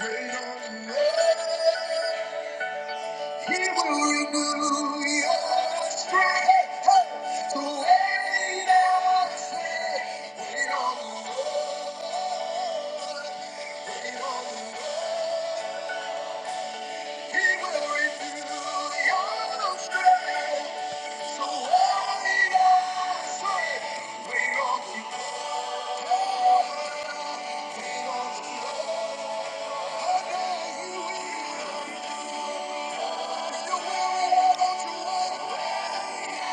Wait on the Lord. He will renew your strength. So wait on faith. Wait on the Lord. Wait on the Lord. He will renew your strength. So wait on faith. Wait on the Lord. Wait on the Lord. I know He will. If you're weary, why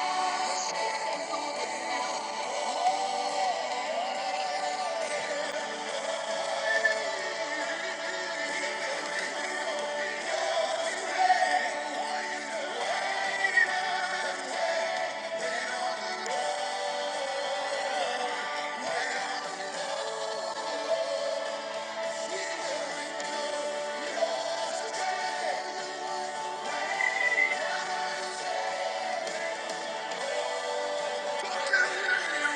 don't you wait? Stay right there, stay right there, stay right there.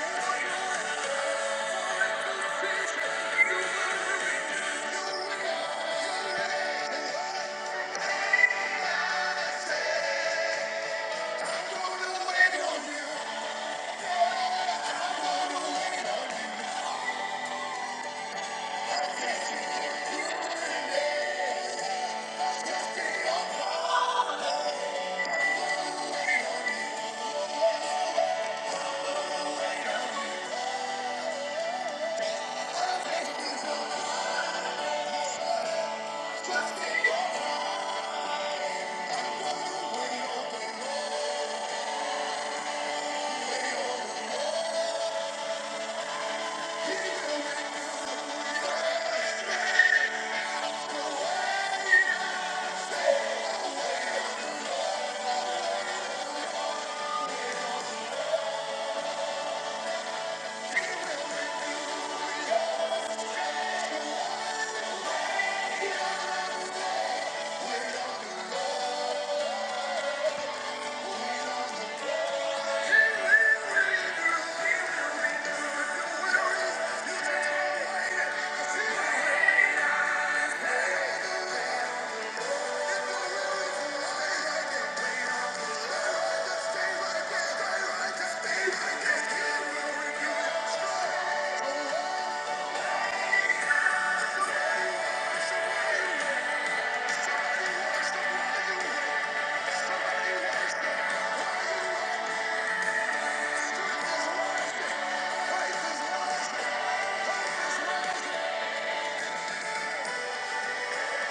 He will renew your strength.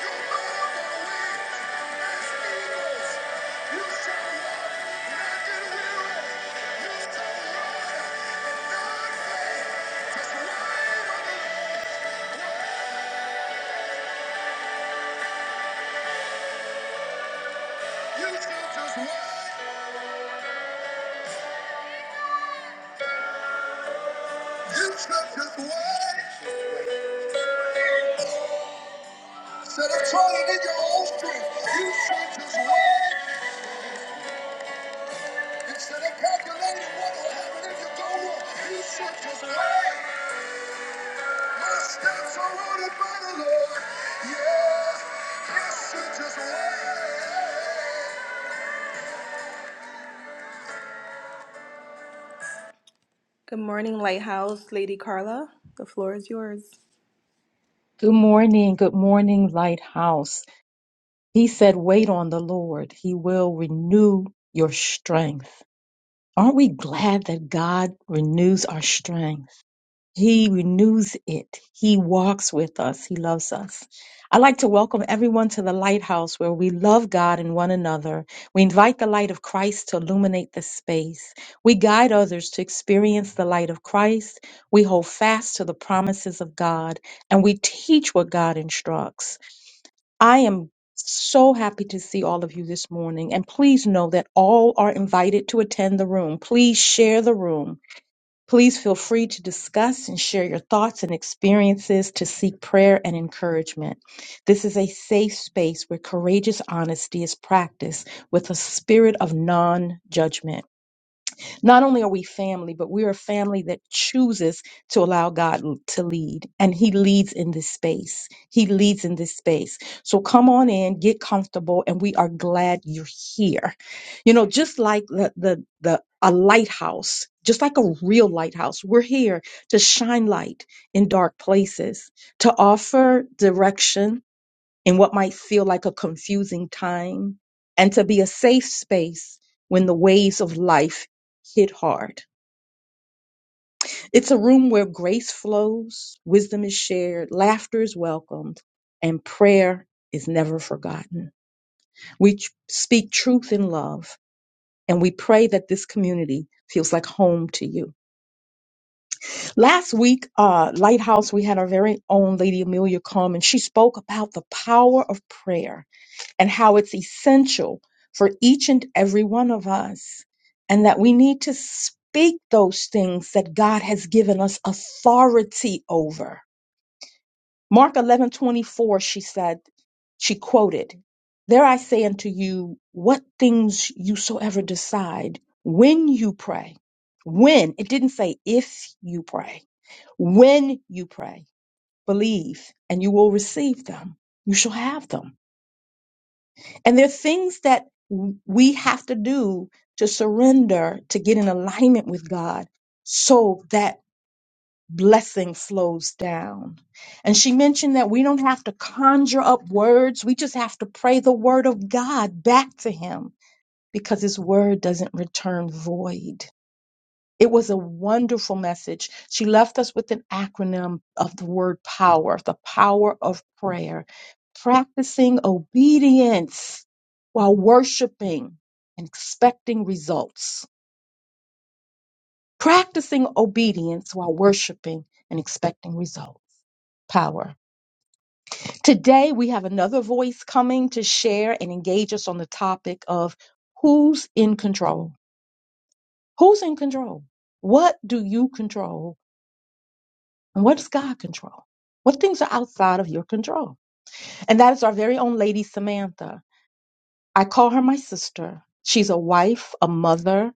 You shall just wait. Instead of trying in your own strength, you should just wait. Instead of calculating what will happen if you go wrong, you should just wait. My steps are ordered by the Lord. Yeah, You should just wait. Good morning, Lighthouse. Lady Carla, the floor is yours. Good morning, good morning, Lighthouse. He said, Wait on the Lord, He will renew your strength. Aren't we glad that God renews our strength? He renews it. He walks with us. He loves us. I'd like to welcome everyone to the Lighthouse where we love God and one another. We invite the light of Christ to illuminate the space. We guide others to experience the light of Christ. We hold fast to the promises of God and we teach what God instructs. I am so happy to see all of you this morning. And please know that all are invited to attend the room. Please share the room. Please feel free to discuss and share your thoughts and experiences to seek prayer and encouragement. This is a safe space where courageous honesty is practiced with a spirit of non judgment. Not only are we family, but we're a family that chooses to allow God l- to lead. And He leads in this space. He leads in this space. So come on in, get comfortable, and we are glad you're here. You know, just like the, the, the a lighthouse, just like a real lighthouse, we're here to shine light in dark places, to offer direction in what might feel like a confusing time and to be a safe space when the waves of life hit hard. It's a room where grace flows, wisdom is shared, laughter is welcomed, and prayer is never forgotten. We ch- speak truth in love, and we pray that this community feels like home to you. Last week, uh, Lighthouse, we had our very own Lady Amelia Coleman. She spoke about the power of prayer and how it's essential for each and every one of us, and that we need to speak those things that God has given us authority over. Mark 11 24. she said, she quoted, There I say unto you, what things you soever decide when you pray, when, it didn't say if you pray, when you pray, believe, and you will receive them. You shall have them. And there are things that we have to do to surrender to get in alignment with God so that blessing flows down. And she mentioned that we don't have to conjure up words, we just have to pray the word of God back to Him because His word doesn't return void. It was a wonderful message. She left us with an acronym of the word power, the power of prayer, practicing obedience while worshiping and expecting results. Practicing obedience while worshiping and expecting results. Power. Today, we have another voice coming to share and engage us on the topic of who's in control? Who's in control? What do you control? And what does God control? What things are outside of your control? And that is our very own Lady Samantha. I call her my sister. She's a wife, a mother.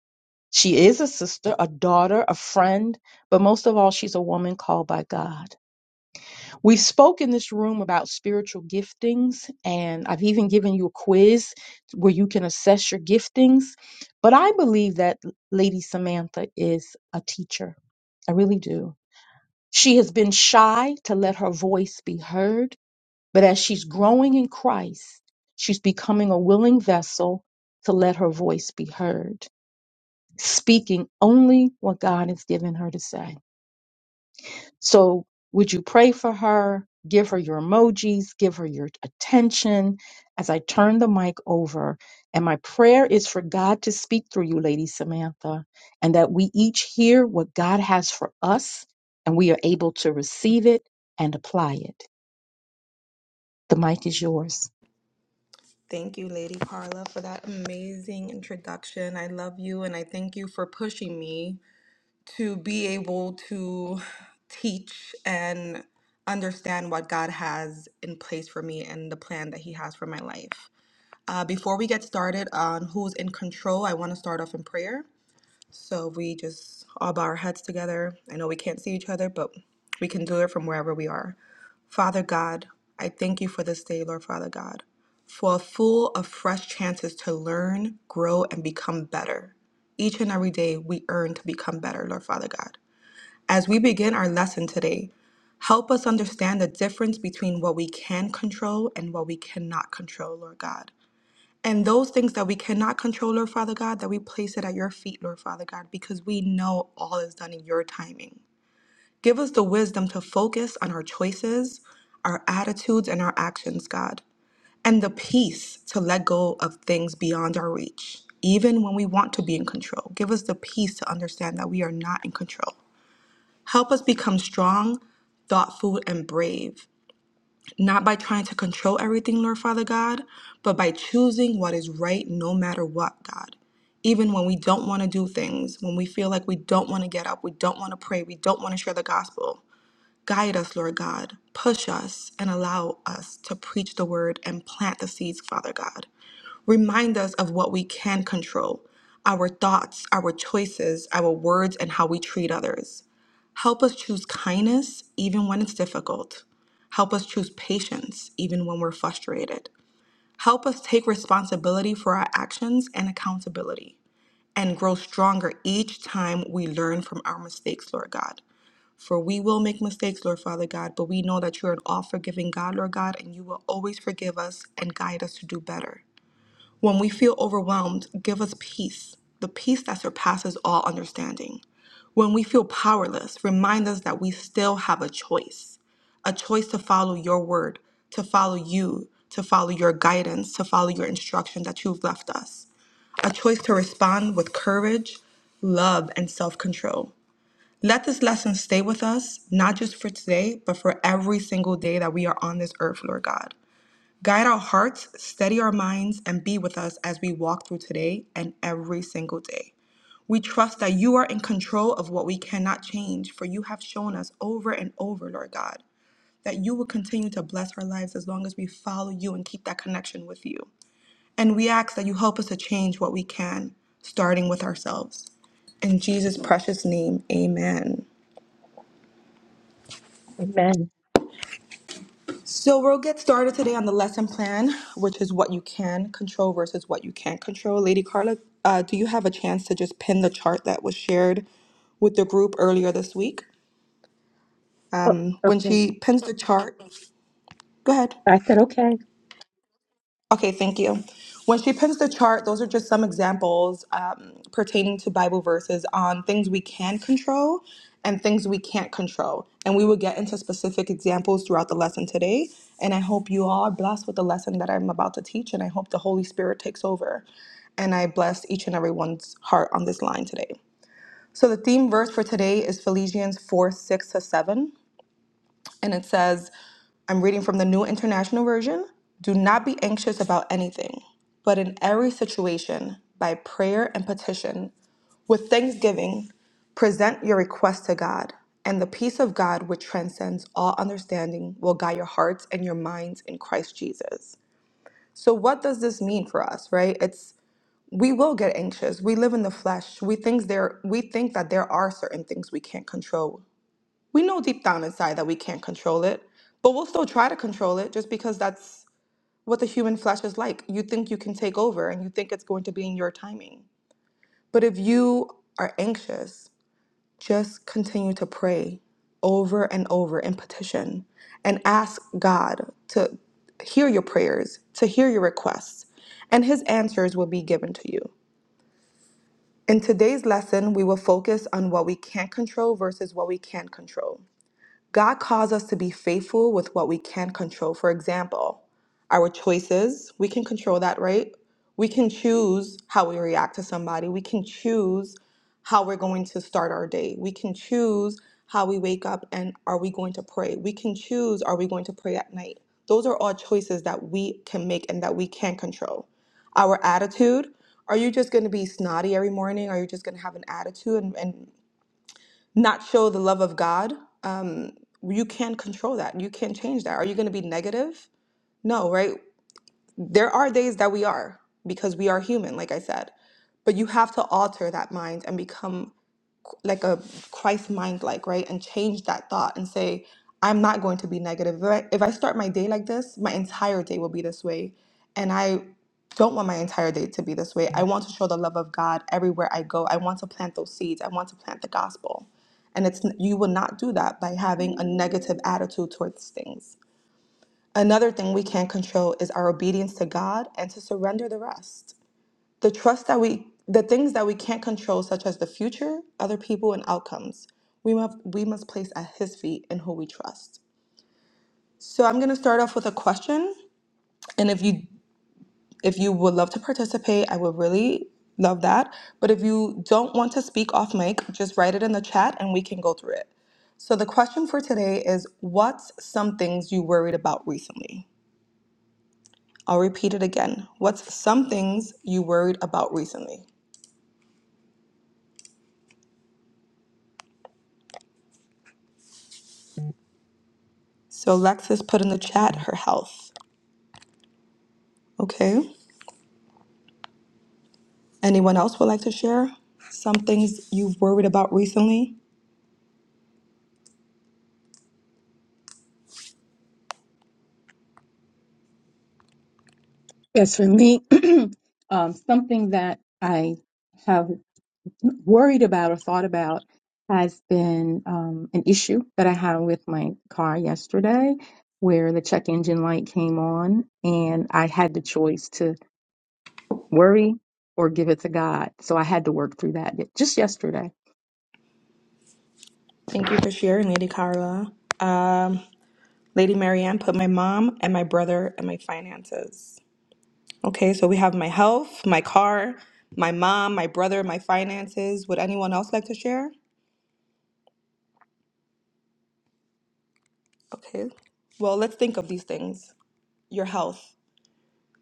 She is a sister, a daughter, a friend, but most of all, she's a woman called by God. We've spoke in this room about spiritual giftings, and I've even given you a quiz where you can assess your giftings. But I believe that Lady Samantha is a teacher. I really do. She has been shy to let her voice be heard, but as she's growing in Christ, she's becoming a willing vessel to let her voice be heard, speaking only what God has given her to say. So would you pray for her? Give her your emojis, give her your attention as I turn the mic over. And my prayer is for God to speak through you, Lady Samantha, and that we each hear what God has for us and we are able to receive it and apply it. The mic is yours. Thank you, Lady Carla, for that amazing introduction. I love you and I thank you for pushing me to be able to teach and understand what God has in place for me and the plan that He has for my life. Uh, before we get started on who's in control, I want to start off in prayer. So we just all bow our heads together. I know we can't see each other, but we can do it from wherever we are. Father God, I thank you for this day, Lord Father God, for full of fresh chances to learn, grow, and become better. Each and every day we earn to become better, Lord Father God. As we begin our lesson today, help us understand the difference between what we can control and what we cannot control, Lord God. And those things that we cannot control, Lord Father God, that we place it at your feet, Lord Father God, because we know all is done in your timing. Give us the wisdom to focus on our choices, our attitudes, and our actions, God, and the peace to let go of things beyond our reach, even when we want to be in control. Give us the peace to understand that we are not in control. Help us become strong, thoughtful, and brave not by trying to control everything, Lord Father God, but by choosing what is right no matter what, God. Even when we don't want to do things, when we feel like we don't want to get up, we don't want to pray, we don't want to share the gospel, Guide us, Lord God. Push us and allow us to preach the word and plant the seeds, Father God. Remind us of what we can control our thoughts, our choices, our words, and how we treat others. Help us choose kindness even when it's difficult. Help us choose patience even when we're frustrated. Help us take responsibility for our actions and accountability and grow stronger each time we learn from our mistakes, Lord God. For we will make mistakes, Lord Father God, but we know that you are an all forgiving God, Lord God, and you will always forgive us and guide us to do better. When we feel overwhelmed, give us peace, the peace that surpasses all understanding. When we feel powerless, remind us that we still have a choice a choice to follow your word, to follow you, to follow your guidance, to follow your instruction that you've left us, a choice to respond with courage, love, and self control let this lesson stay with us, not just for today, but for every single day that we are on this earth, Lord God. Guide our hearts, steady our minds, and be with us as we walk through today and every single day. We trust that you are in control of what we cannot change, for you have shown us over and over, Lord God, that you will continue to bless our lives as long as we follow you and keep that connection with you. And we ask that you help us to change what we can, starting with ourselves. In Jesus' precious name, amen. Amen. So we'll get started today on the lesson plan, which is what you can control versus what you can't control. Lady Carla, uh, do you have a chance to just pin the chart that was shared with the group earlier this week? Oh, When okay. she pins the chart, go ahead. I said, okay. Okay, thank you. When she pins the chart, those are just some examples um, pertaining to Bible verses on things we can control and things we can't control. And we will get into specific examples throughout the lesson today. And I hope you all are blessed with the lesson that I'm about to teach. And I hope the Holy Spirit takes over. And I bless each and everyone's heart on this line today. So the theme verse for today is Philippians 4 6 to 7 and it says, I'm reading from the New International Version. Do not be anxious about anything, but in every situation, by prayer and petition, with thanksgiving, present your request to God, and the peace of God, which transcends all understanding, will guide your hearts and your minds in Christ Jesus. So, what does this mean for us, right? It's we will get anxious. We live in the flesh. We think there we think that there are certain things we can't control we know deep down inside that we can't control it, but we'll still try to control it just because that's what the human flesh is like. You think you can take over and you think it's going to be in your timing. But if you are anxious, just continue to pray over and over in petition and ask God to hear your prayers, to hear your requests, and his answers will be given to you. In today's lesson, we will focus on what we can't control versus what we can control. God calls us to be faithful with what we can control. For example, our choices, we can control that, right? We can choose how we react to somebody. We can choose how we're going to start our day. We can choose how we wake up and are we going to pray. We can choose are we going to pray at night. Those are all choices that we can make and that we can control. Our attitude, are you just going to be snotty every morning? Are you just going to have an attitude and, and not show the love of God, um, you can't control that. You can't change that. Are you going to be negative? No, right? There are days that we are because we are human, like I said. But you have to alter that mind and become like a Christ mind like, right? And change that thought and say, I'm not going to be negative. If I, if I start my day like this, my entire day will be this way. And I don't want my entire day to be this way. I want to show the love of God everywhere I go. I want to plant those seeds. I want to plant the gospel. And it's you will not do that by having a negative attitude towards things. Another thing we can control is our obedience to God and to surrender the rest the trust that we the things that we can't control such as the future other people and outcomes we must we must place at his feet and who we trust so i'm going to start off with a question and if you if you would love to participate i would really love that but if you don't want to speak off mic just write it in the chat and we can go through it so the question for today is what's some things you worried about recently i'll repeat it again what's some things you worried about recently So Lexis put in the chat her health. Okay. Anyone else would like to share some things you've worried about recently? Yes, for me, um, something that I have. worried about or thought about has been um, an issue that I had with my car yesterday, where the check engine light came on and I had the choice to worry or give it to God. So I had to work through that just yesterday. Thank you for sharing, Lady Carla. Um, Lady Marianne put my mom and my brother and my finances. Okay, so we have my health, my car, my mom, my brother, my finances. Would anyone else like to share? Okay. Well, let's think of these things. Your health.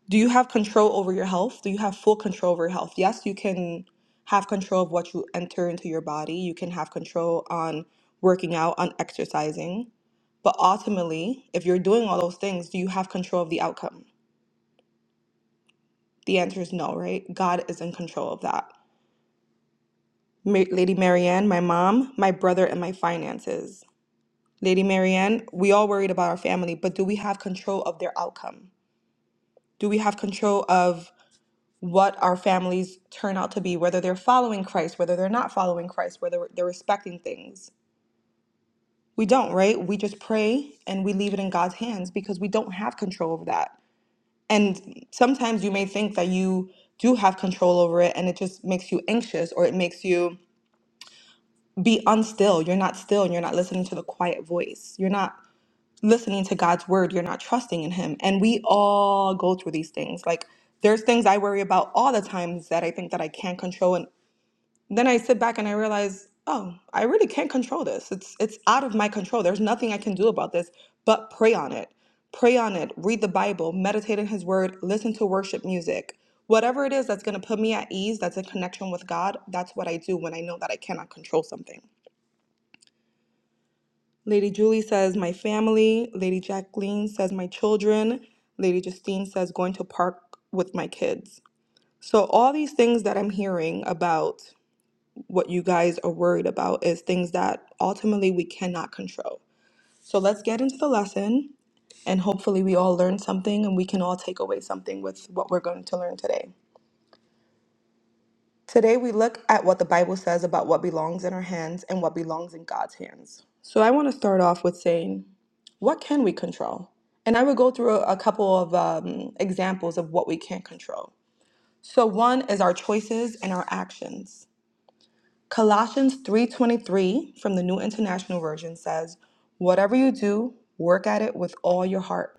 do you have control over your health? Do you have full control over your health? Yes, you can have control of what you enter into your body. You can have control on working out, on exercising. But ultimately, if you're doing all those things, do you have control of the outcome? The answer is no, right? God is in control of that. Ma- Lady Marianne, my mom, my brother, and my finances. Lady Marianne, we all worried about our family, but do we have control of their outcome? Do we have control of what our families turn out to be, whether they're following Christ, whether they're not following Christ, whether they're respecting things. We don't, right? We just pray and we leave it in God's hands because we don't have control over that. And sometimes you may think that you do have control over it and it just makes you anxious or it makes you be unstill. You're not still and you're not listening to the quiet voice. You're not listening to God's word. You're not trusting in Him. And we all go through these things. Like, there's things I worry about all the times that I think that I can't control, and then I sit back and I realize, oh, I really can't control this. It's it's out of my control. There's nothing I can do about this but pray on it. Pray on it, read the Bible, meditate in his word, listen to worship music. Whatever it is that's going to put me at ease, that's in connection with God, that's what I do when I know that I cannot control something. Lady Julie says my family, Lady Jacqueline says my children, Lady Justine says going to park with my kids. So all these things that I'm hearing about what you guys are worried about is things that ultimately we cannot control. So let's get into the lesson and hopefully we all learn something and we can all take away something with what we're going to learn today. Today we look at what the Bible says about what belongs in our hands and what belongs in God's hands. So I want to start off with saying, what can we control? And I would go through a, a couple of um, examples of what we can't control. So one is our choices and our actions. Colossians 3:23 from the New International Version says, "Whatever you do, work at it with all your heart,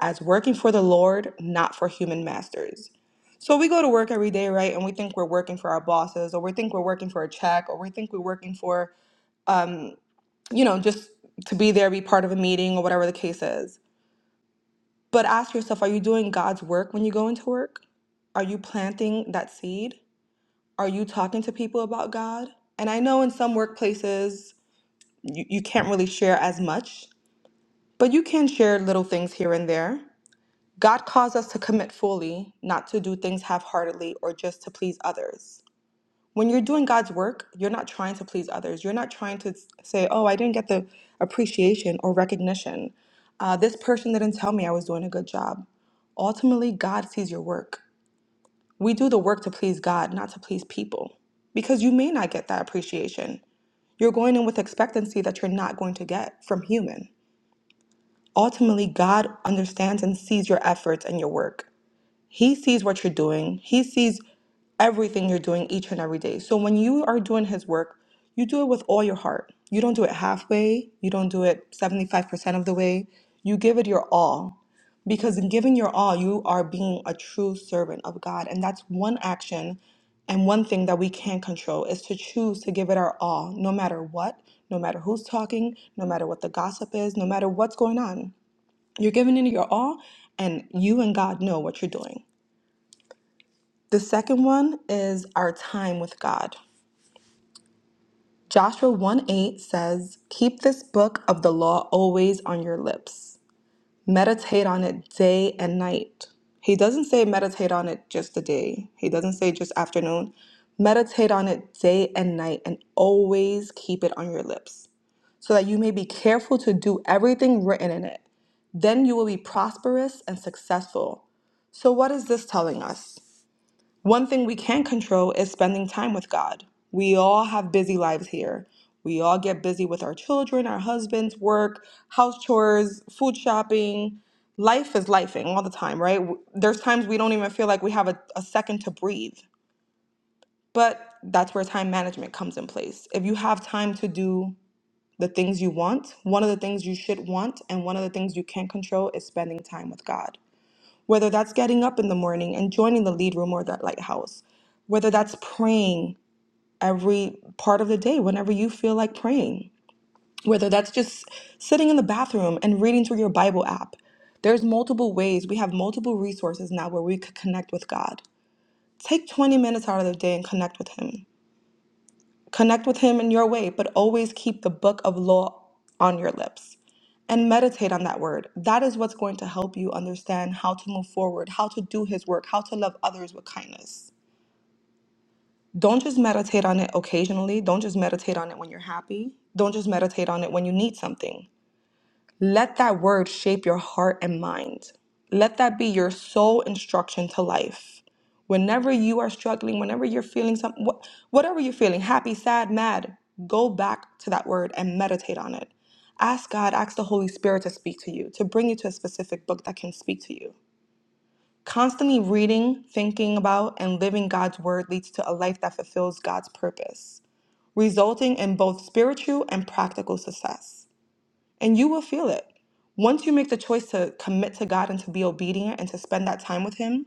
as working for the Lord, not for human masters." So we go to work every day, right? And we think we're working for our bosses or we think we're working for a check or we think we're working for, you know, just to be there, be part of a meeting or whatever the case is. But ask yourself, are you doing God's work when you go into work? Are you planting that seed? Are you talking to people about God? And I know in some workplaces you, you can't really share as much, but you can share little things here and there. God calls us to commit fully, not to do things half heartedly or just to please others. When you're doing God's work, you're not trying to please others. You're not trying to s- say, oh, I didn't get the appreciation or recognition. Uh, this person didn't tell me I was doing a good job. Ultimately, God sees your work. We do the work to please God, not to please people, because you may not get that appreciation. You're going in with expectancy that you're not going to get from human. ultimately God understands and sees your efforts and your work. He sees what you're doing. He sees everything you're doing each and every day. So when you are doing his work, you do it with all your heart. You don't do it halfway. You don't do it 75% of the way. You give it your all. Because in giving your all, you are being a true servant of God. And that's one action and one thing that we can control is to choose to give it our all, no matter what, no matter who's talking, no matter what the gossip is, no matter what's going on. You're giving it your all, and you and God know what you're doing. The second one is our time with God. Joshua 1 8 says, Keep this book of the law always on your lips. Meditate on it day and night. He doesn't say meditate on it just a day, he doesn't say just afternoon. Meditate on it day and night and always keep it on your lips. so that you may be careful to do everything written in it. Then you will be prosperous and successful. So, what is this telling us? One thing we can control is spending time with God. We all have busy lives here. We all get busy with our children, our husbands, work, house chores, food shopping. Life is lifing all the time, right? W- There's times we don't even feel like we have a, a second to breathe. But that's where time management comes in place. If you have time to do the things you want, one of the things you should want, and one of the things you can't control is spending time with God. Whether that's getting up in the morning and joining the lead room or that lighthouse, whether that's praying every part of the day whenever you feel like praying, whether that's just sitting in the bathroom and reading through your Bible app. There's multiple ways. We have multiple resources now where we could connect with God. Take 20 minutes out of the day and connect with Him. Connect with him in your way, but always keep the book of law on your lips and meditate on that word. That is what's going to help you understand how to move forward, how to do his work, how to love others with kindness. Don't just meditate on it occasionally. Don't just meditate on it when you're happy. Don't just meditate on it when you need something. Let that word shape your heart and mind. Let that be your sole instruction to life. Whenever you are struggling, whenever you're feeling something, whatever you're feeling, happy, sad, mad, go back to that word and meditate on it. Ask God, ask the Holy Spirit to speak to you, to bring you to a specific book that can speak to you. Constantly reading, thinking about, and living God's word leads to a life that fulfills God's purpose, resulting in both spiritual and practical success and you will feel it. Once you make the choice to commit to God and to be obedient and to spend that time with Him,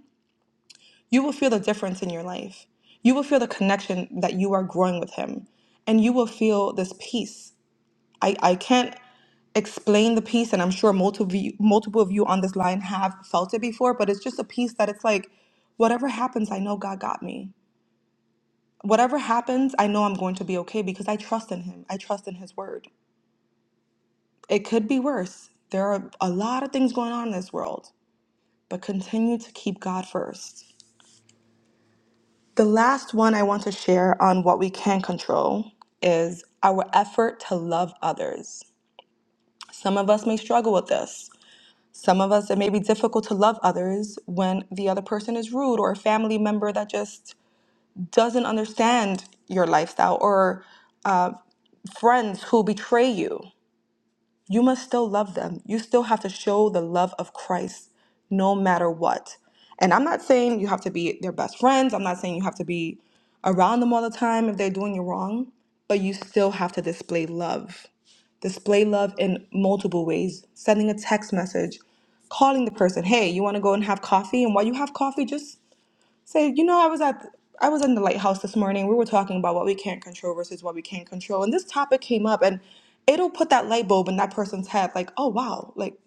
you will feel the difference in your life. You will feel the connection that you are growing with Him, and you will feel this peace. I, I can't explain the peace, and I'm sure multiple of you, multiple of you on this line have felt it before, but it's just a peace that it's like, whatever happens, I know God got me. Whatever happens, I know I'm going to be okay because I trust in Him. I trust in His word. It could be worse. There are a lot of things going on in this world, but continue to keep God first. The last one I want to share on what we can control is our effort to love others. Some of us may struggle with this. Some of us, it may be difficult to love others when the other person is rude or a family member that just doesn't understand your lifestyle or friends who betray you. you must still love them. You still have to show the love of Christ no matter what. And I'm not saying you have to be their best friends. I'm not saying you have to be around them all the time if they're doing you wrong, but you still have to display love. Display love in multiple ways sending a text message, calling the person, hey, you want to go and have coffee? And while you have coffee, just Say, you know, I was at I was in the lighthouse this morning. We were talking about what we can't control versus what we can control, and this topic came up, and it'll put that light bulb in that person's head, like, oh wow, like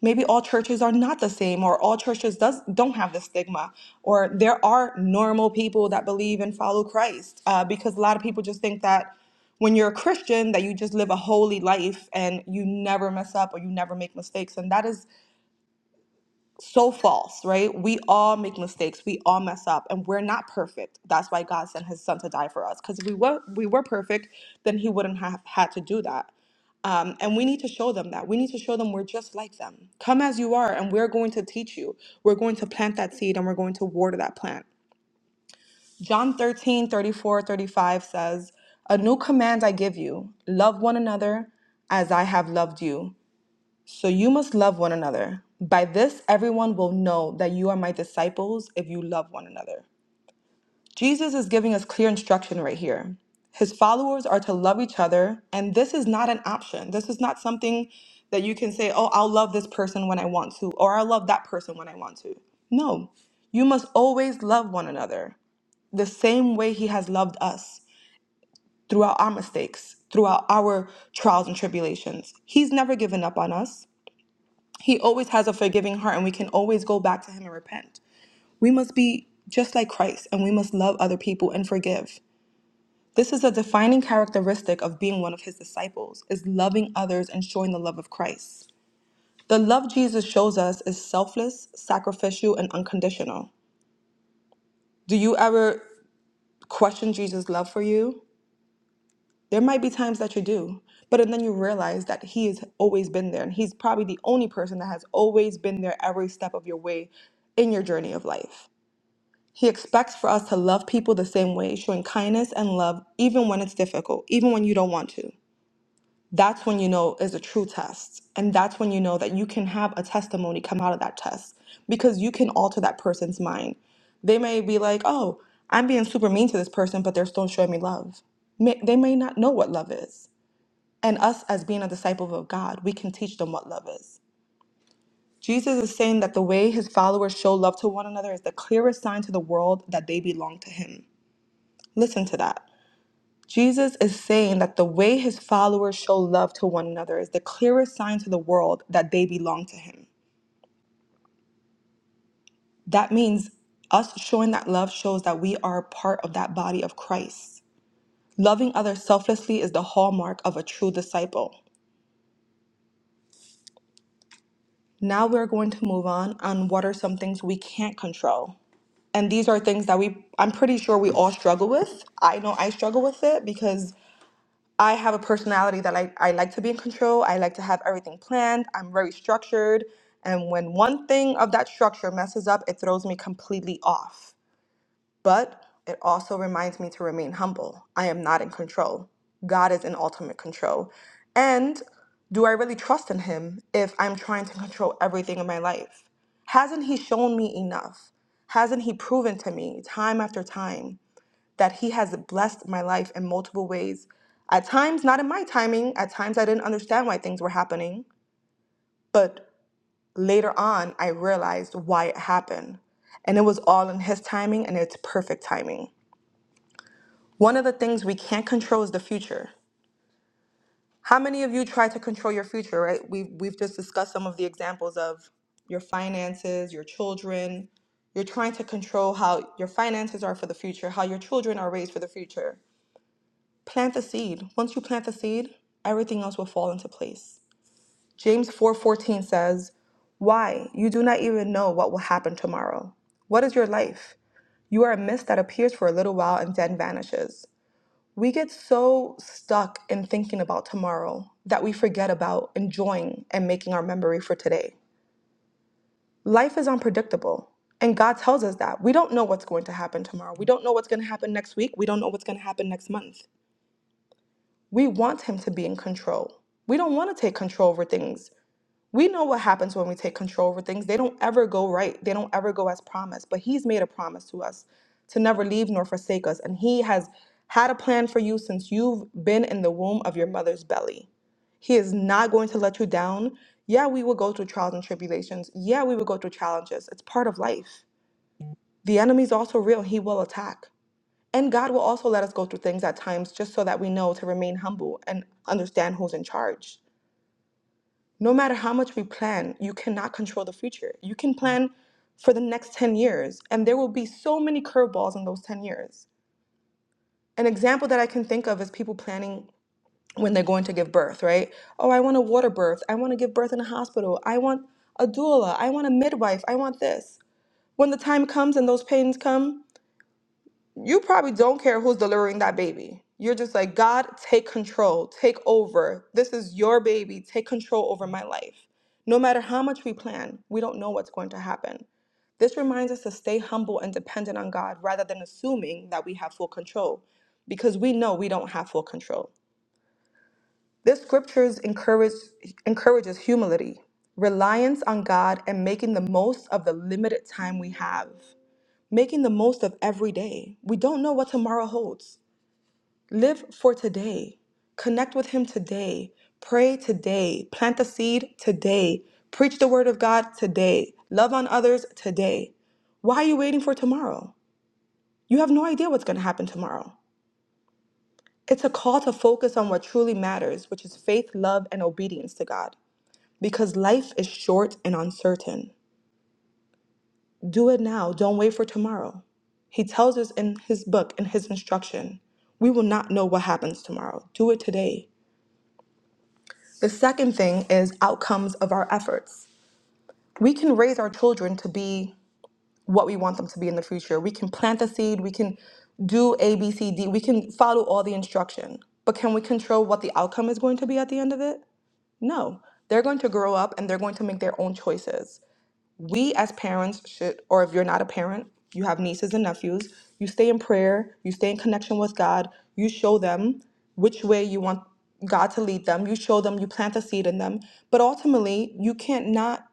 maybe all churches are not the same, or all churches does don't have the stigma, or there are normal people that believe and follow Christ, uh, because a lot of people just think that when you're a Christian that you just live a holy life and you never mess up or you never make mistakes, and that is so false, right? We all make mistakes. We all mess up and we're not perfect. That's why God sent his son to die for us cuz if we were we were perfect, then he wouldn't have had to do that. Um, and we need to show them that. We need to show them we're just like them. Come as you are and we're going to teach you. We're going to plant that seed and we're going to water that plant. John 13 34 35 says, A new command I give you love one another as I have loved you. So you must love one another. By this, everyone will know that you are my disciples if you love one another. Jesus is giving us clear instruction right here. His followers are to love each other, and this is not an option. This is not something that you can say, oh, I'll love this person when I want to, or I'll love that person when I want to. No, you must always love one another the same way He has loved us throughout our mistakes, throughout our trials and tribulations. He's never given up on us. He always has a forgiving heart, and we can always go back to Him and repent. We must be just like Christ, and we must love other people and forgive. This is a defining characteristic of being one of His disciples, is loving others and showing the love of Christ. The love Jesus shows us is selfless, sacrificial, and unconditional. Do you ever question Jesus' love for you? There might be times that you do, but then you realize that He has always been there, and He's probably the only person that has always been there every step of your way in your journey of life. He expects for us to love people the same way, showing kindness and love even when it's difficult, even when you don't want to. That's when you know is a true test. And that's when you know that you can have a testimony come out of that test because you can alter that person's mind. They may be like, oh, I'm being super mean to this person, but they're still showing me love. May, they may not know what love is. And us, as being a disciple of God, we can teach them what love is. Jesus is saying that the way his followers show love to one another is the clearest sign to the world that they belong to him. Listen to that. Jesus is saying that the way his followers show love to one another is the clearest sign to the world that they belong to him. That means us showing that love shows that we are part of that body of Christ. Loving others selflessly is the hallmark of a true disciple. Now we're going to move on on what are some things we can't control. And these are things that we I'm pretty sure we all struggle with. I know I struggle with it because I have a personality that I, I like to be in control. I like to have everything planned. I'm very structured. And when one thing of that structure messes up, it throws me completely off. But it also reminds me to remain humble. I am not in control. God is in ultimate control. And do I really trust in Him if I'm trying to control everything in my life? Hasn't He shown me enough? Hasn't He proven to me time after time that He has blessed my life in multiple ways. At times, not in my timing, at times I didn't understand why things were happening, but later on, I realized why it happened. And it was all in His timing and it's perfect timing. One of the things we can't control is the future. How many of you try to control your future, right? We've, we've just discussed some of the examples of your finances, your children. You're trying to control how your finances are for the future, how your children are raised for the future. Plant the seed. Once you plant the seed, everything else will fall into place. James 4:14 says, "Why, you do not even know what will happen tomorrow. What is your life? You are a mist that appears for a little while and then vanishes." We get so stuck in thinking about tomorrow that we forget about enjoying and making our memory for today. Life is unpredictable. And God tells us that. We don't know what's going to happen tomorrow. We don't know what's going to happen next week. We don't know what's going to happen next month. We want him to be in control. We don't want to take control over things. We know what happens when we take control over things. They don't ever go right, they don't ever go as promised. But he's made a promise to us to never leave nor forsake us. And he has had a plan for you since you've been in the womb of your mother's belly. He is not going to let you down. Yeah, we will go through trials and tribulations. Yeah, we will go through challenges. It's part of life. The enemy's also real. He will attack. And God will also let us go through things at times just so that we know to remain humble and understand who's in charge. No matter how much we plan, you cannot control the future. You can plan for the next 10 years, and there will be so many curveballs in those 10 years. An example that I can think of is people planning when they're going to give birth, right? Oh, I want a water birth. I want to give birth in a hospital. I want a doula. I want a midwife. I want this. When the time comes and those pains come, you probably don't care who's delivering that baby. You're just like, God, take control, take over. This is your baby. Take control over my life. No matter how much we plan, we don't know what's going to happen. This reminds us to stay humble and dependent on God rather than assuming that we have full control because we know we don't have full control. This scriptures encourage, encourages humility, reliance on God, and making the most of the limited time we have, making the most of every day. We don't know what tomorrow holds. Live for today. Connect with Him today. Pray today. Plant the seed today. Preach the Word of God today. Love on others today. Why are you waiting for tomorrow? You have no idea what's going to happen tomorrow. It's a call to focus on what truly matters, which is faith, love, and obedience to God. Because life is short and uncertain. Do it now. Don't wait for tomorrow. He tells us in his book, in his instruction, we will not know what happens tomorrow. Do it today. The second thing is outcomes of our efforts. We can raise our children to be what we want them to be in the future. We can plant the seed, we can do A, B, C, D, we can follow all the instruction. But can we control what the outcome is going to be at the end of it? No. They're going to grow up and they're going to make their own choices we as parents should, or if you're not a parent, you have nieces and nephews, you stay in prayer, you stay in connection with God, you show them which way you want God to lead them, you show them, you plant a seed in them. But ultimately, you can't not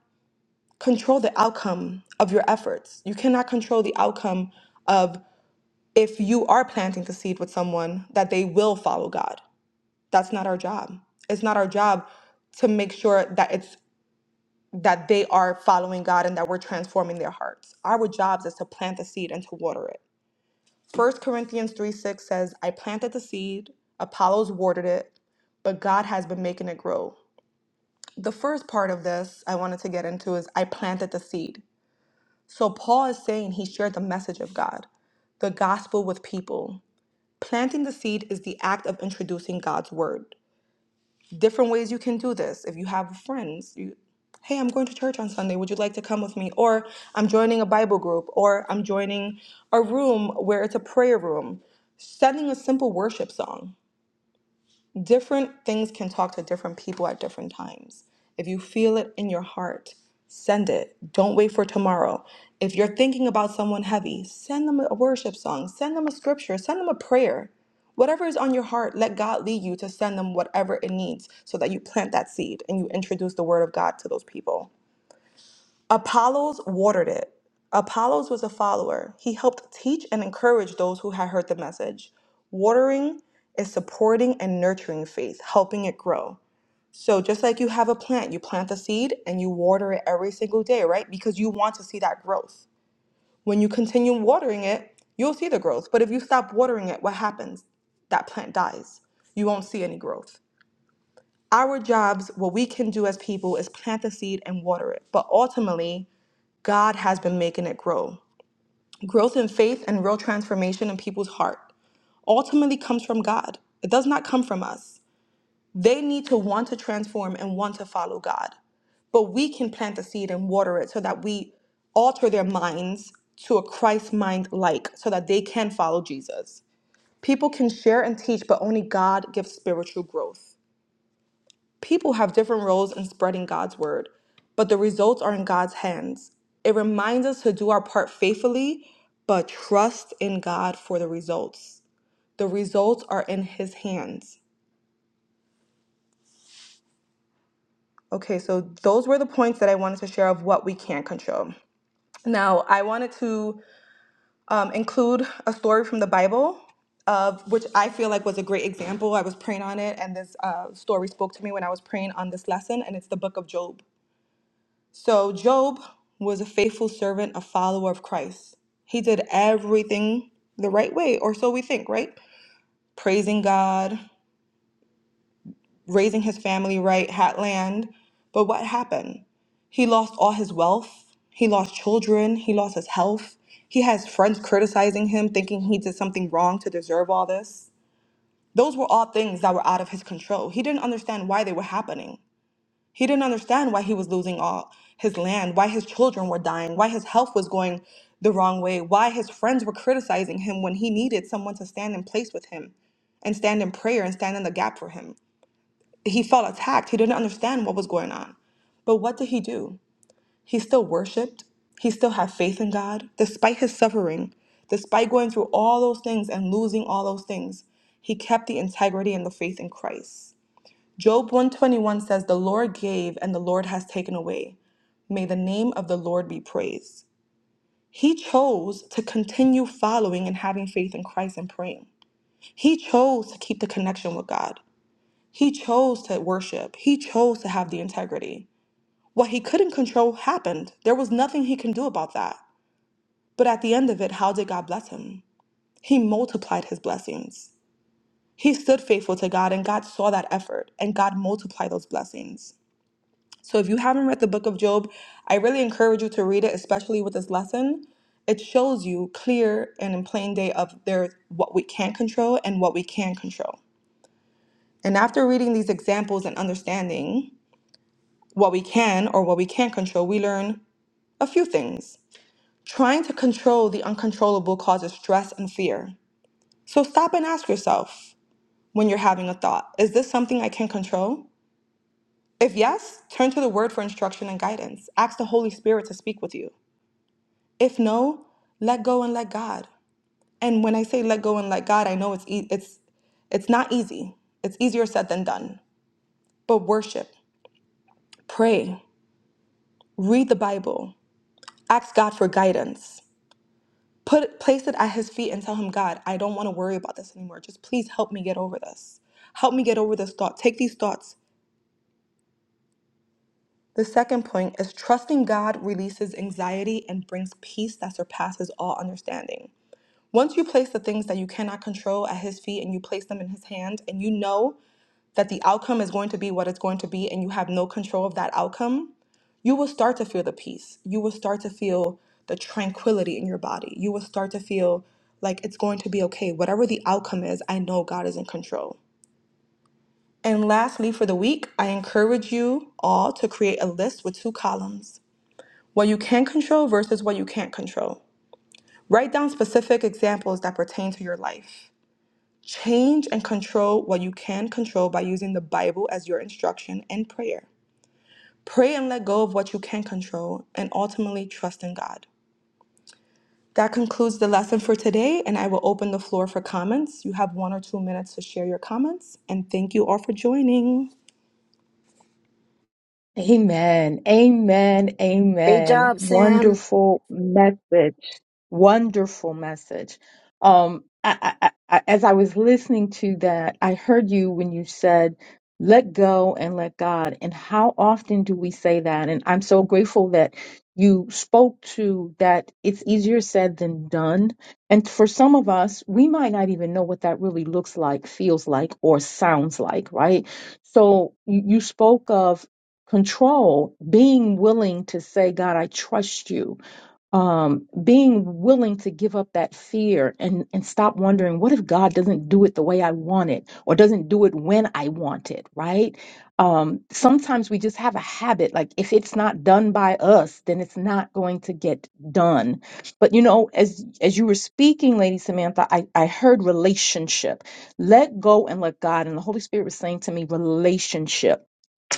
control the outcome of your efforts. You cannot control the outcome of if you are planting the seed with someone that they will follow God. That's not our job. It's not our job to make sure that it's that they are following God and that we're transforming their hearts. Our jobs is to plant the seed and to water it. First Corinthians 3 6 says, I planted the seed, Apollos watered it, but God has been making it grow. The first part of this I wanted to get into is I planted the seed. So Paul is saying he shared the message of God, the gospel with people. Planting the seed is the act of introducing God's word. different ways you can do this. If you have friends, you, hey, I'm going to church on Sunday. Would you like to come with me? Or I'm joining a Bible group, or I'm joining a room where it's a prayer room. Sending a simple worship song different things can talk to different people at different times. If you feel it in your heart, send it. Don't wait for tomorrow. If you're thinking about someone heavy, send them a worship song, send them a scripture, send them a prayer. Whatever is on your heart, let God lead you to send them whatever it needs so that you plant that seed and you introduce the word of God to those people. Apollos watered it. Apollos was a follower. He helped teach and encourage those who had heard the message. Watering is supporting and nurturing faith, helping it grow. So, just like you have a plant, you plant the seed and you water it every single day, right? Because you want to see that growth. When you continue watering it, you'll see the growth. But if you stop watering it, what happens? That plant dies. You won't see any growth. Our jobs, what we can do as people, is plant the seed and water it. But ultimately, God has been making it grow. Growth in faith and real transformation in people's heart ultimately comes from God. It does not come from us. They need to want to transform and want to follow God. But we can plant the seed and water it so that we alter their minds to a Christ mind like so that they can follow Jesus. People can share and teach, but only God gives spiritual growth. People have different roles in spreading God's word, but the results are in God's hands. It reminds us to do our part faithfully, but trust in God for the results. The results are in His hands. Okay, so those were the points that I wanted to share of what we can control. Now, I wanted to um, include a story from the Bible, of which I feel like was a great example. I was praying on it, and this uh, story spoke to me when I was praying on this lesson, and it's the book of Job. So Job was a faithful servant, a follower of Christ. He did everything the right way, or so we think, right? Praising God, raising his family right, had land. But what happened? He lost all his wealth. He lost children. He lost his health. He has friends criticizing him, thinking he did something wrong to deserve all this. Those were all things that were out of his control. He didn't understand why they were happening. He didn't understand why he was losing all his land, why his children were dying, why his health was going the wrong way, why his friends were criticizing him when he needed someone to stand in place with him and stand in prayer and stand in the gap for him. He felt attacked. He didn't understand what was going on. But what did he do? He still worshiped. He still had faith in God. Despite his suffering, despite going through all those things and losing all those things, he kept the integrity and the faith in Christ. Job 121 says, The Lord gave and the Lord has taken away. May the name of the Lord be praised. He chose to continue following and having faith in Christ and praying. He chose to keep the connection with God. He chose to worship. He chose to have the integrity. What he couldn't control happened. There was nothing he can do about that. But at the end of it, how did God bless him? He multiplied his blessings. He stood faithful to God, and God saw that effort, and God multiplied those blessings. So if you haven't read the book of Job, I really encourage you to read it, especially with this lesson. It shows you clear and in plain day of there what we can't control and what we can control. And after reading these examples and understanding what we can or what we can't control, we learn a few things. Trying to control the uncontrollable causes stress and fear. So stop and ask yourself when you're having a thought, is this something I can control? If yes, turn to the word for instruction and guidance. Ask the Holy Spirit to speak with you. If no, let go and let God. And when I say let go and let God, I know it's e- it's it's not easy. It's easier said than done. But worship, pray, read the Bible, ask God for guidance. Put place it at his feet and tell him, God, I don't want to worry about this anymore. Just please help me get over this. Help me get over this thought. Take these thoughts. The second point is trusting God releases anxiety and brings peace that surpasses all understanding. Once you place the things that you cannot control at his feet and you place them in his hand and you know that the outcome is going to be what it's going to be and you have no control of that outcome, you will start to feel the peace. You will start to feel the tranquility in your body. You will start to feel like it's going to be okay. Whatever the outcome is, I know God is in control. And lastly, for the week, I encourage you all to create a list with two columns what you can control versus what you can't control. Write down specific examples that pertain to your life. Change and control what you can control by using the Bible as your instruction and prayer. Pray and let go of what you can control and ultimately trust in God. That concludes the lesson for today, and I will open the floor for comments. You have one or two minutes to share your comments, and thank you all for joining. Amen. Amen. Great Amen. job, Sam. Wonderful message. Wonderful message. Um, I, I, I, as I was listening to that, I heard you when you said, let go and let God. And how often do we say that? And I'm so grateful that you spoke to that. It's easier said than done. And for some of us, we might not even know what that really looks like, feels like, or sounds like, right? So you, you spoke of control being willing to say god i trust you um, being willing to give up that fear and, and stop wondering what if god doesn't do it the way i want it or doesn't do it when i want it right um, sometimes we just have a habit like if it's not done by us then it's not going to get done but you know as as you were speaking lady samantha i, I heard relationship let go and let god and the holy spirit was saying to me relationship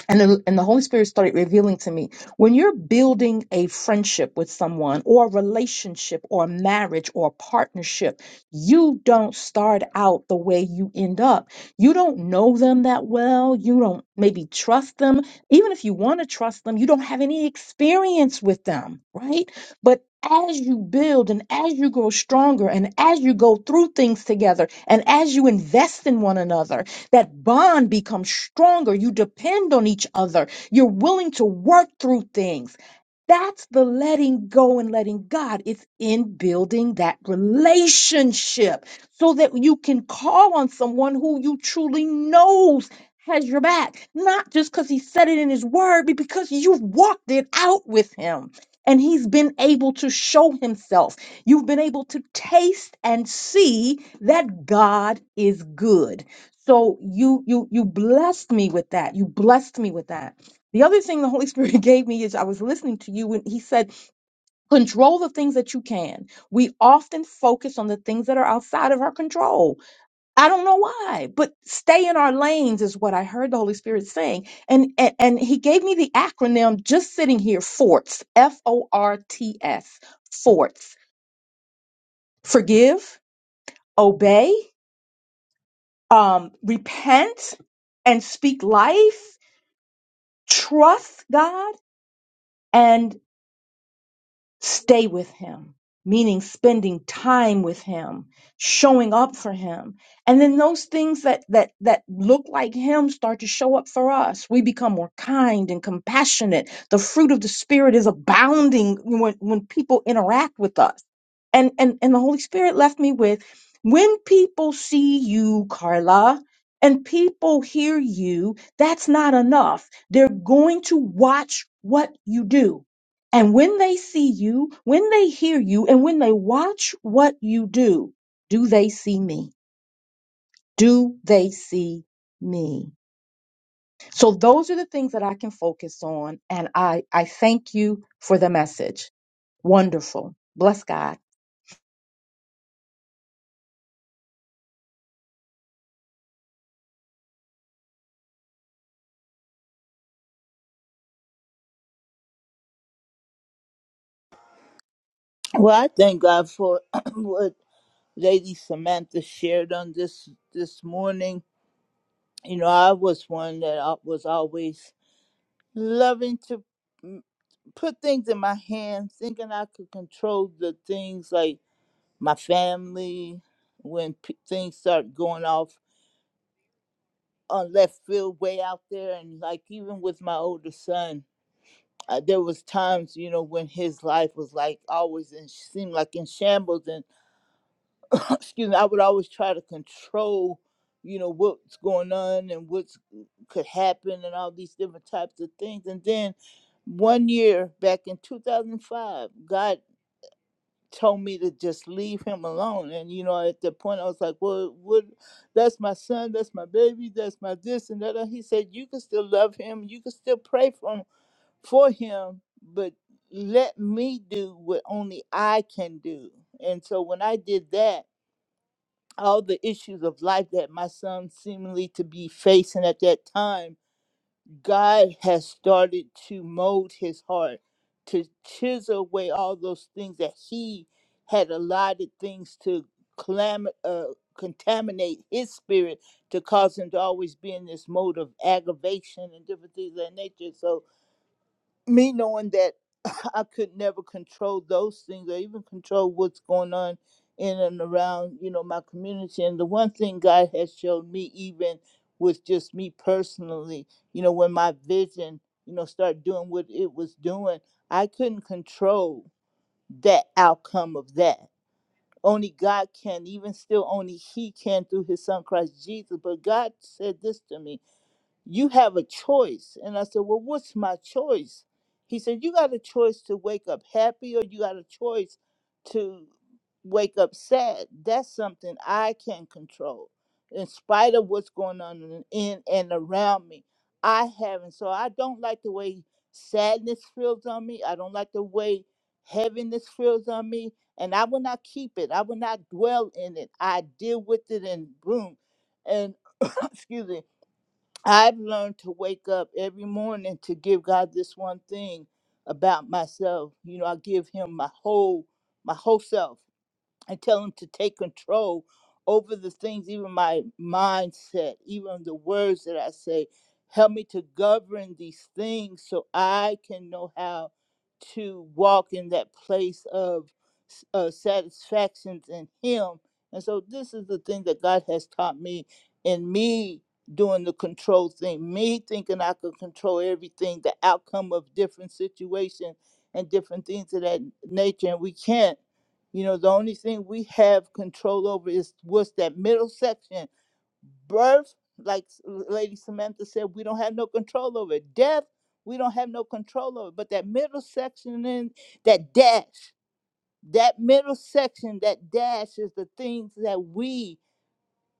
and the, and the Holy Spirit started revealing to me when you're building a friendship with someone or a relationship or a marriage or a partnership, you don't start out the way you end up. You don't know them that well. You don't maybe trust them. Even if you want to trust them, you don't have any experience with them, right? But as you build and as you grow stronger and as you go through things together and as you invest in one another, that bond becomes stronger. You depend on each other. You're willing to work through things. That's the letting go and letting God. It's in building that relationship so that you can call on someone who you truly knows has your back, not just because he said it in his word, but because you've walked it out with him and he's been able to show himself. You've been able to taste and see that God is good so you you you blessed me with that you blessed me with that the other thing the holy spirit gave me is i was listening to you and he said control the things that you can we often focus on the things that are outside of our control i don't know why but stay in our lanes is what i heard the holy spirit saying and and, and he gave me the acronym just sitting here forts f-o-r-t-s forts forgive obey um repent and speak life trust God and stay with him, meaning spending time with him, showing up for him. And then those things that that that look like him start to show up for us. We become more kind and compassionate. The fruit of the spirit is abounding when, when people interact with us. And and and the Holy Spirit left me with when people see you, Carla, and people hear you, that's not enough. They're going to watch what you do and when they see you, when they hear you, and when they watch what you do, do they see me? Do they see me? So those are the things that I can focus on. And I, I thank you for the message. Wonderful. Bless God. Well, I thank God for what Lady Samantha shared on this this morning. You know, I was one that I was always loving to mm, put things in my hands, thinking I could control the things like my family. When p- things start going off on left field, way out there, and like even with my older son, uh, there was times you know when his life was like always and seemed like in shambles, excuse me, I would always try to control, you know, what's going on and what's mm, could happen and all these different types of things. And then one year back in 2005, God told me to just leave him alone. And, you know, at that point I was like, well, what, that's my son, that's my baby, that's my this and that. And He said, you can still love him. You can still pray for him, for him, but let me do what only I can do. And so when I did that, all the issues of life that my son seemingly to be facing at that time, God has started to mold his heart, to chisel away all those things that he had allotted things to clam- uh, contaminate his spirit to cause him to always be in this mode of aggravation and different things of that nature. So me knowing that I could never control those things or even control what's going on in and around, you know, my community. And the one thing God has showed me even with just me personally, you know, when my vision, you know, started doing what it was doing, I couldn't control that outcome of that. Only God can, even still only He can through His Son Christ Jesus. But God said this to me you have a choice. And I said, Well, what's my choice? He said, You got a choice to wake up happy or you got a choice to wake up sad. That's something I can control. In spite of what's going on in in and around me, I haven't. So I don't like the way sadness feels on me. I don't like the way heaviness feels on me. And I will not keep it. I will not dwell in it. I deal with it and boom. And excuse me I've learned to wake up every morning to give God this one thing about myself. You know, I give him my whole my whole self. I tell him to take control over the things, even my mindset, even the words that I say. Help me to govern these things so I can know how to walk in that place of s- uh, satisfaction in Him. And so, this is the thing that God has taught me, and me doing the control thing, me thinking I could control everything, the outcome of different situations and different things of that nature. And we can't. You know, the only thing we have control over is what's that middle section. Birth, like S- Lady Samantha said, we don't have no control over. it. Death, we don't have no control over. it. But that middle section and that dash, that middle section, that dash is the things that we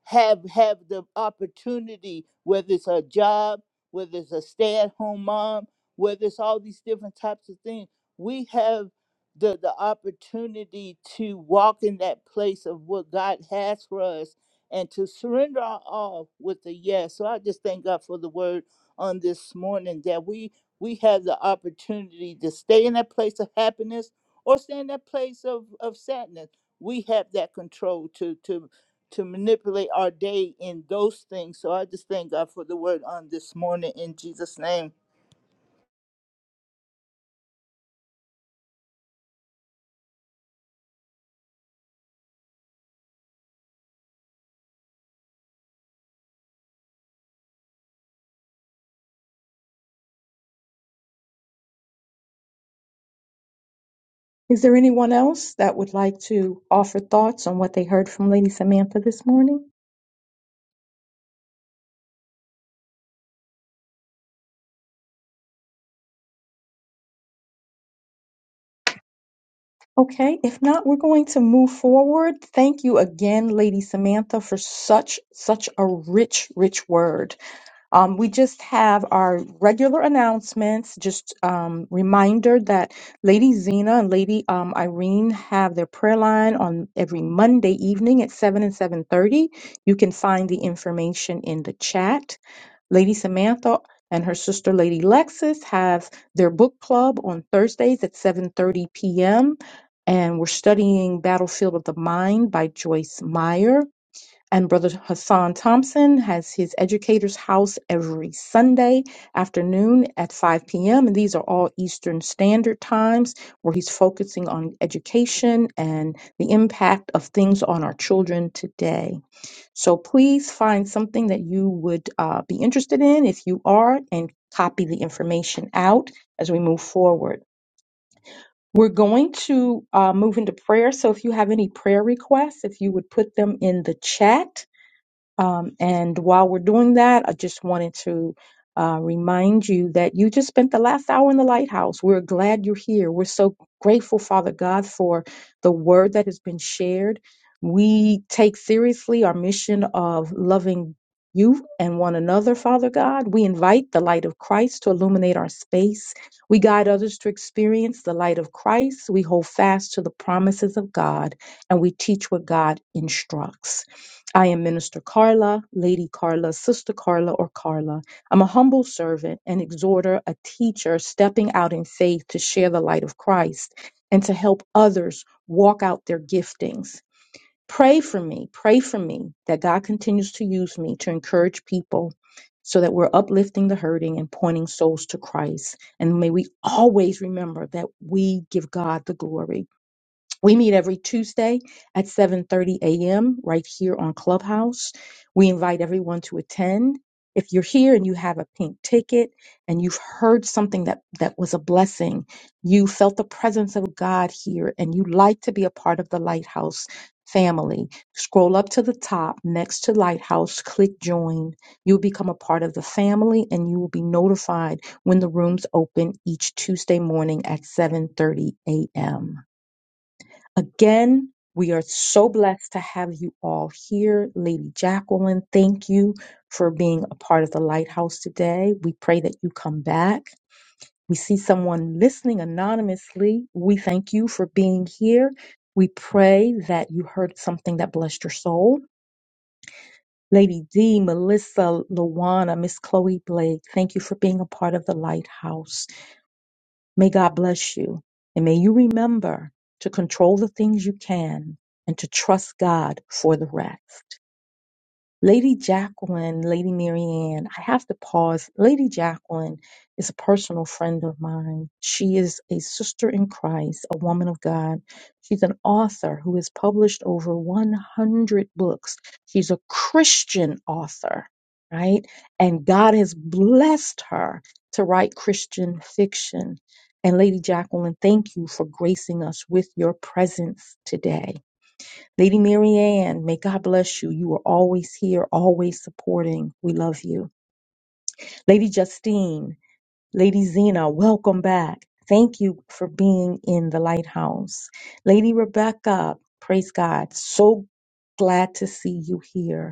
have have the opportunity, whether it's a job, whether it's a stay-at-home mom, whether it's all these different types of things, we have the the opportunity to walk in that place of what God has for us and to surrender our all with a yes. So I just thank God for the word on this morning that we we have the opportunity to stay in that place of happiness or stay in that place of, of sadness. We have that control to to to manipulate our day in those things. So I just thank God for the word on this morning in Jesus' name. Is there anyone else that would like to offer thoughts on what they heard from Lady Samantha this morning? Okay, if not, we're going to move forward. Thank you again, Lady Samantha, for such such a rich, rich word. Um, we just have our regular announcements. Just um, reminder that Lady Zena and Lady um, Irene have their prayer line on every Monday evening at seven and seven thirty. You can find the information in the chat. Lady Samantha and her sister Lady Lexis have their book club on Thursdays at seven thirty p.m. And we're studying Battlefield of the Mind by Joyce Meyer. And Brother Hassan Thompson has his educator's house every Sunday afternoon at 5 p.m. And these are all Eastern Standard Times where he's focusing on education and the impact of things on our children today. So please find something that you would uh, be interested in if you are and copy the information out as we move forward. We're going to uh, move into prayer. So if you have any prayer requests, if you would put them in the chat um, and while we're doing that, I just wanted to uh, remind you that you just spent the last hour in the lighthouse. We're glad you're here. We're so grateful, Father God, for the word that has been shared. We take seriously our mission of loving you and one another, Father God. We invite the light of Christ to illuminate our space. We guide others to experience the light of Christ. We hold fast to the promises of God and we teach what God instructs. I am Minister Carla, Lady Carla, Sister Carla, or Carla. I'm a humble servant, an exhorter, a teacher, stepping out in faith to share the light of Christ and to help others walk out their giftings. Pray for me, pray for me that God continues to use me to encourage people so that we're uplifting the hurting and pointing souls to Christ. And may we always remember that we give God the glory. We meet every Tuesday at 7:30 a.m. right here on Clubhouse. We invite everyone to attend. If you're here and you have a pink ticket and you've heard something that that was a blessing, you felt the presence of God here and you like to be a part of the Lighthouse family, scroll up to the top next to Lighthouse, click join. You'll become a part of the family and you will be notified when the rooms open each Tuesday morning at 7:30 a.m. Again, we are so blessed to have you all here. Lady Jacqueline, thank you for being a part of the lighthouse today. We pray that you come back. We see someone listening anonymously. We thank you for being here. We pray that you heard something that blessed your soul. Lady D, Melissa, Luana, Miss Chloe Blake, thank you for being a part of the lighthouse. May God bless you. And may you remember to control the things you can and to trust God for the rest. Lady Jacqueline, Lady Marianne, I have to pause. Lady Jacqueline is a personal friend of mine. She is a sister in Christ, a woman of God. She's an author who has published over 100 books. She's a Christian author, right? And God has blessed her to write Christian fiction. And Lady Jacqueline, thank you for gracing us with your presence today. Lady Mary Ann, may God bless you. You are always here, always supporting. We love you. Lady Justine, Lady Zena, welcome back. Thank you for being in the lighthouse. Lady Rebecca, praise God. So glad to see you here.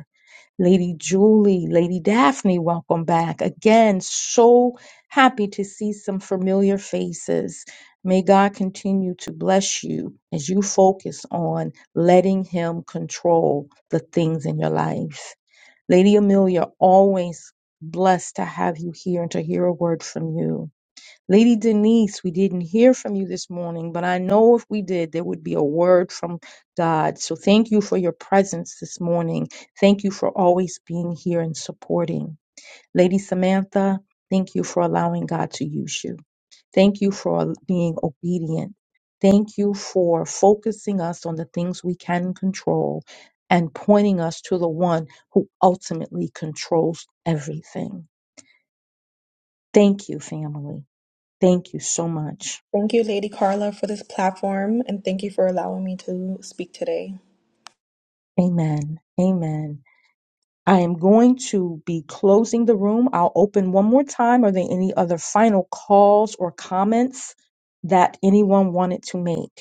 Lady Julie, Lady Daphne, welcome back. Again, so happy to see some familiar faces. May God continue to bless you as you focus on letting Him control the things in your life. Lady Amelia, always blessed to have you here and to hear a word from you. Lady Denise, we didn't hear from you this morning, but I know if we did, there would be a word from God. So thank you for your presence this morning. Thank you for always being here and supporting. Lady Samantha, thank you for allowing God to use you. Thank you for being obedient. Thank you for focusing us on the things we can control and pointing us to the one who ultimately controls everything. Thank you, family. Thank you so much. Thank you, Lady Carla, for this platform, and thank you for allowing me to speak today. Amen. Amen. I am going to be closing the room. I'll open one more time. Are there any other final calls or comments that anyone wanted to make?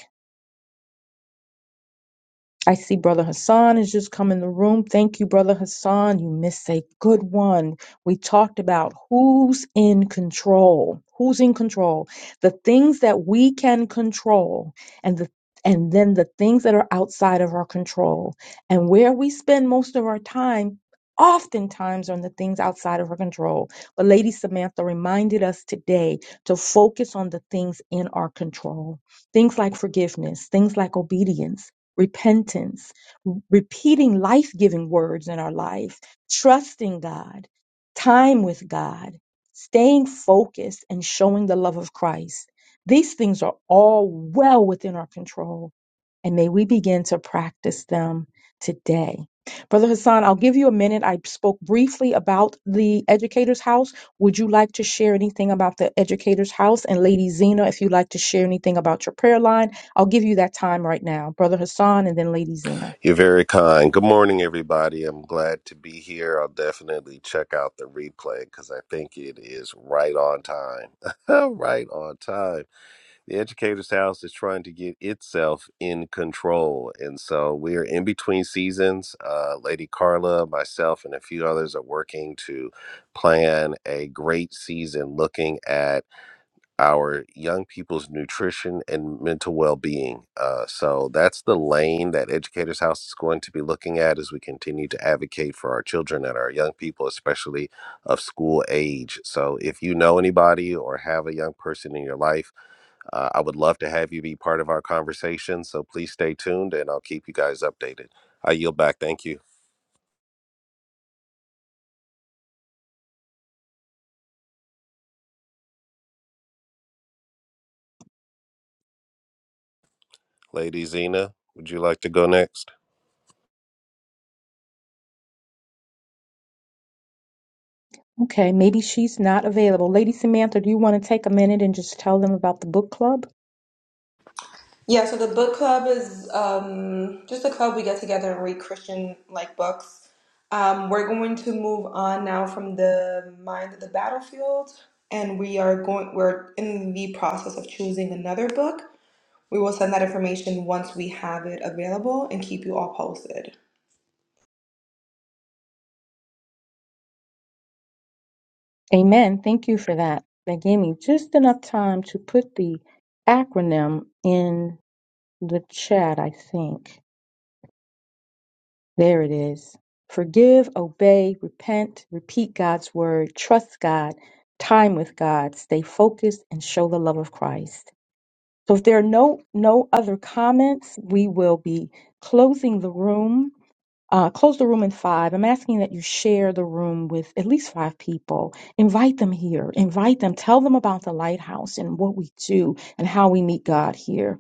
I see Brother Hassan has just come in the room. Thank you, Brother Hassan. You missed a good one. We talked about who's in control. Who's in control? The things that we can control and the and then the things that are outside of our control. And where we spend most of our time oftentimes on the things outside of our control. But Lady Samantha reminded us today to focus on the things in our control. Things like forgiveness, things like obedience, repentance, repeating life giving words in our life, trusting God, time with God, staying focused, and showing the love of Christ. These things are all well within our control, and may we begin to practice them today. Brother Hassan, I'll give you a minute. I spoke briefly about the Educator's House. Would you like to share anything about the Educator's House? And Lady Zena, if you'd like to share anything about your prayer line I'll give you that time right now, Brother Hassan and then Lady Zena. You're very kind. Good morning, everybody. I'm glad to be here. I'll definitely check out the replay because I think it is right on time. right on time. The Educator's House is trying to get itself in control. And so we're in between seasons. Uh, Lady Carla, myself, and a few others are working to plan a great season looking at our young people's nutrition and mental well-being. Uh, so that's the lane that Educators House is going to be looking at as we continue to advocate for our children and our young people, especially of school age. So if you know anybody or have a young person in your life, uh, I would love to have you be part of our conversation. So please stay tuned, and I'll keep you guys updated. I yield back. Thank you, Lady Zena. Would you like to go next? Okay, maybe she's not available. Lady Samantha, do you want to take a minute and just tell them about the book club? Yeah, so the book club is um, just a club we get together and read Christian like books. Um, we're going to move on now from the mind of the battlefield, and we are going. We're in the process of choosing another book. We will send that information once we have it available and keep you all posted. Amen. Thank you for that. That gave me just enough time to put the acronym in the chat, I think. There it is. Forgive, obey, repent, repeat God's word, trust God, time with God, stay focused, and show the love of Christ. So if there are no no other comments, we will be closing the room. Uh, close the room in five. I'm asking that you share the room with at least five people. Invite them here. Invite them. Tell them about the lighthouse and what we do and how we meet God here.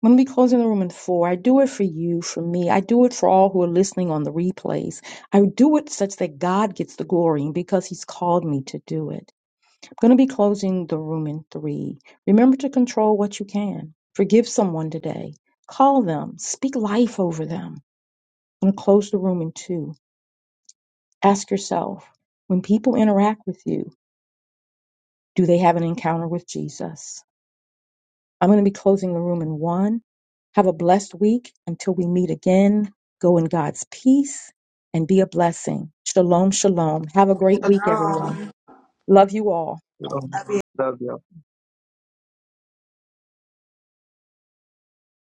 I'm going to be closing the room in four. I do it for you, for me. I do it for all who are listening on the replays. I do it such that God gets the glory and because He's called me to do it. I'm going to be closing the room in three. Remember to control what you can. Forgive someone today. Call them. Speak life over them. I'm going to close the room in two. Ask yourself when people interact with you, do they have an encounter with Jesus? I'm going to be closing the room in one. Have a blessed week until we meet again. Go in God's peace and be a blessing. Shalom, shalom. Have a great week, wrong. everyone. Love you all. You know, that's the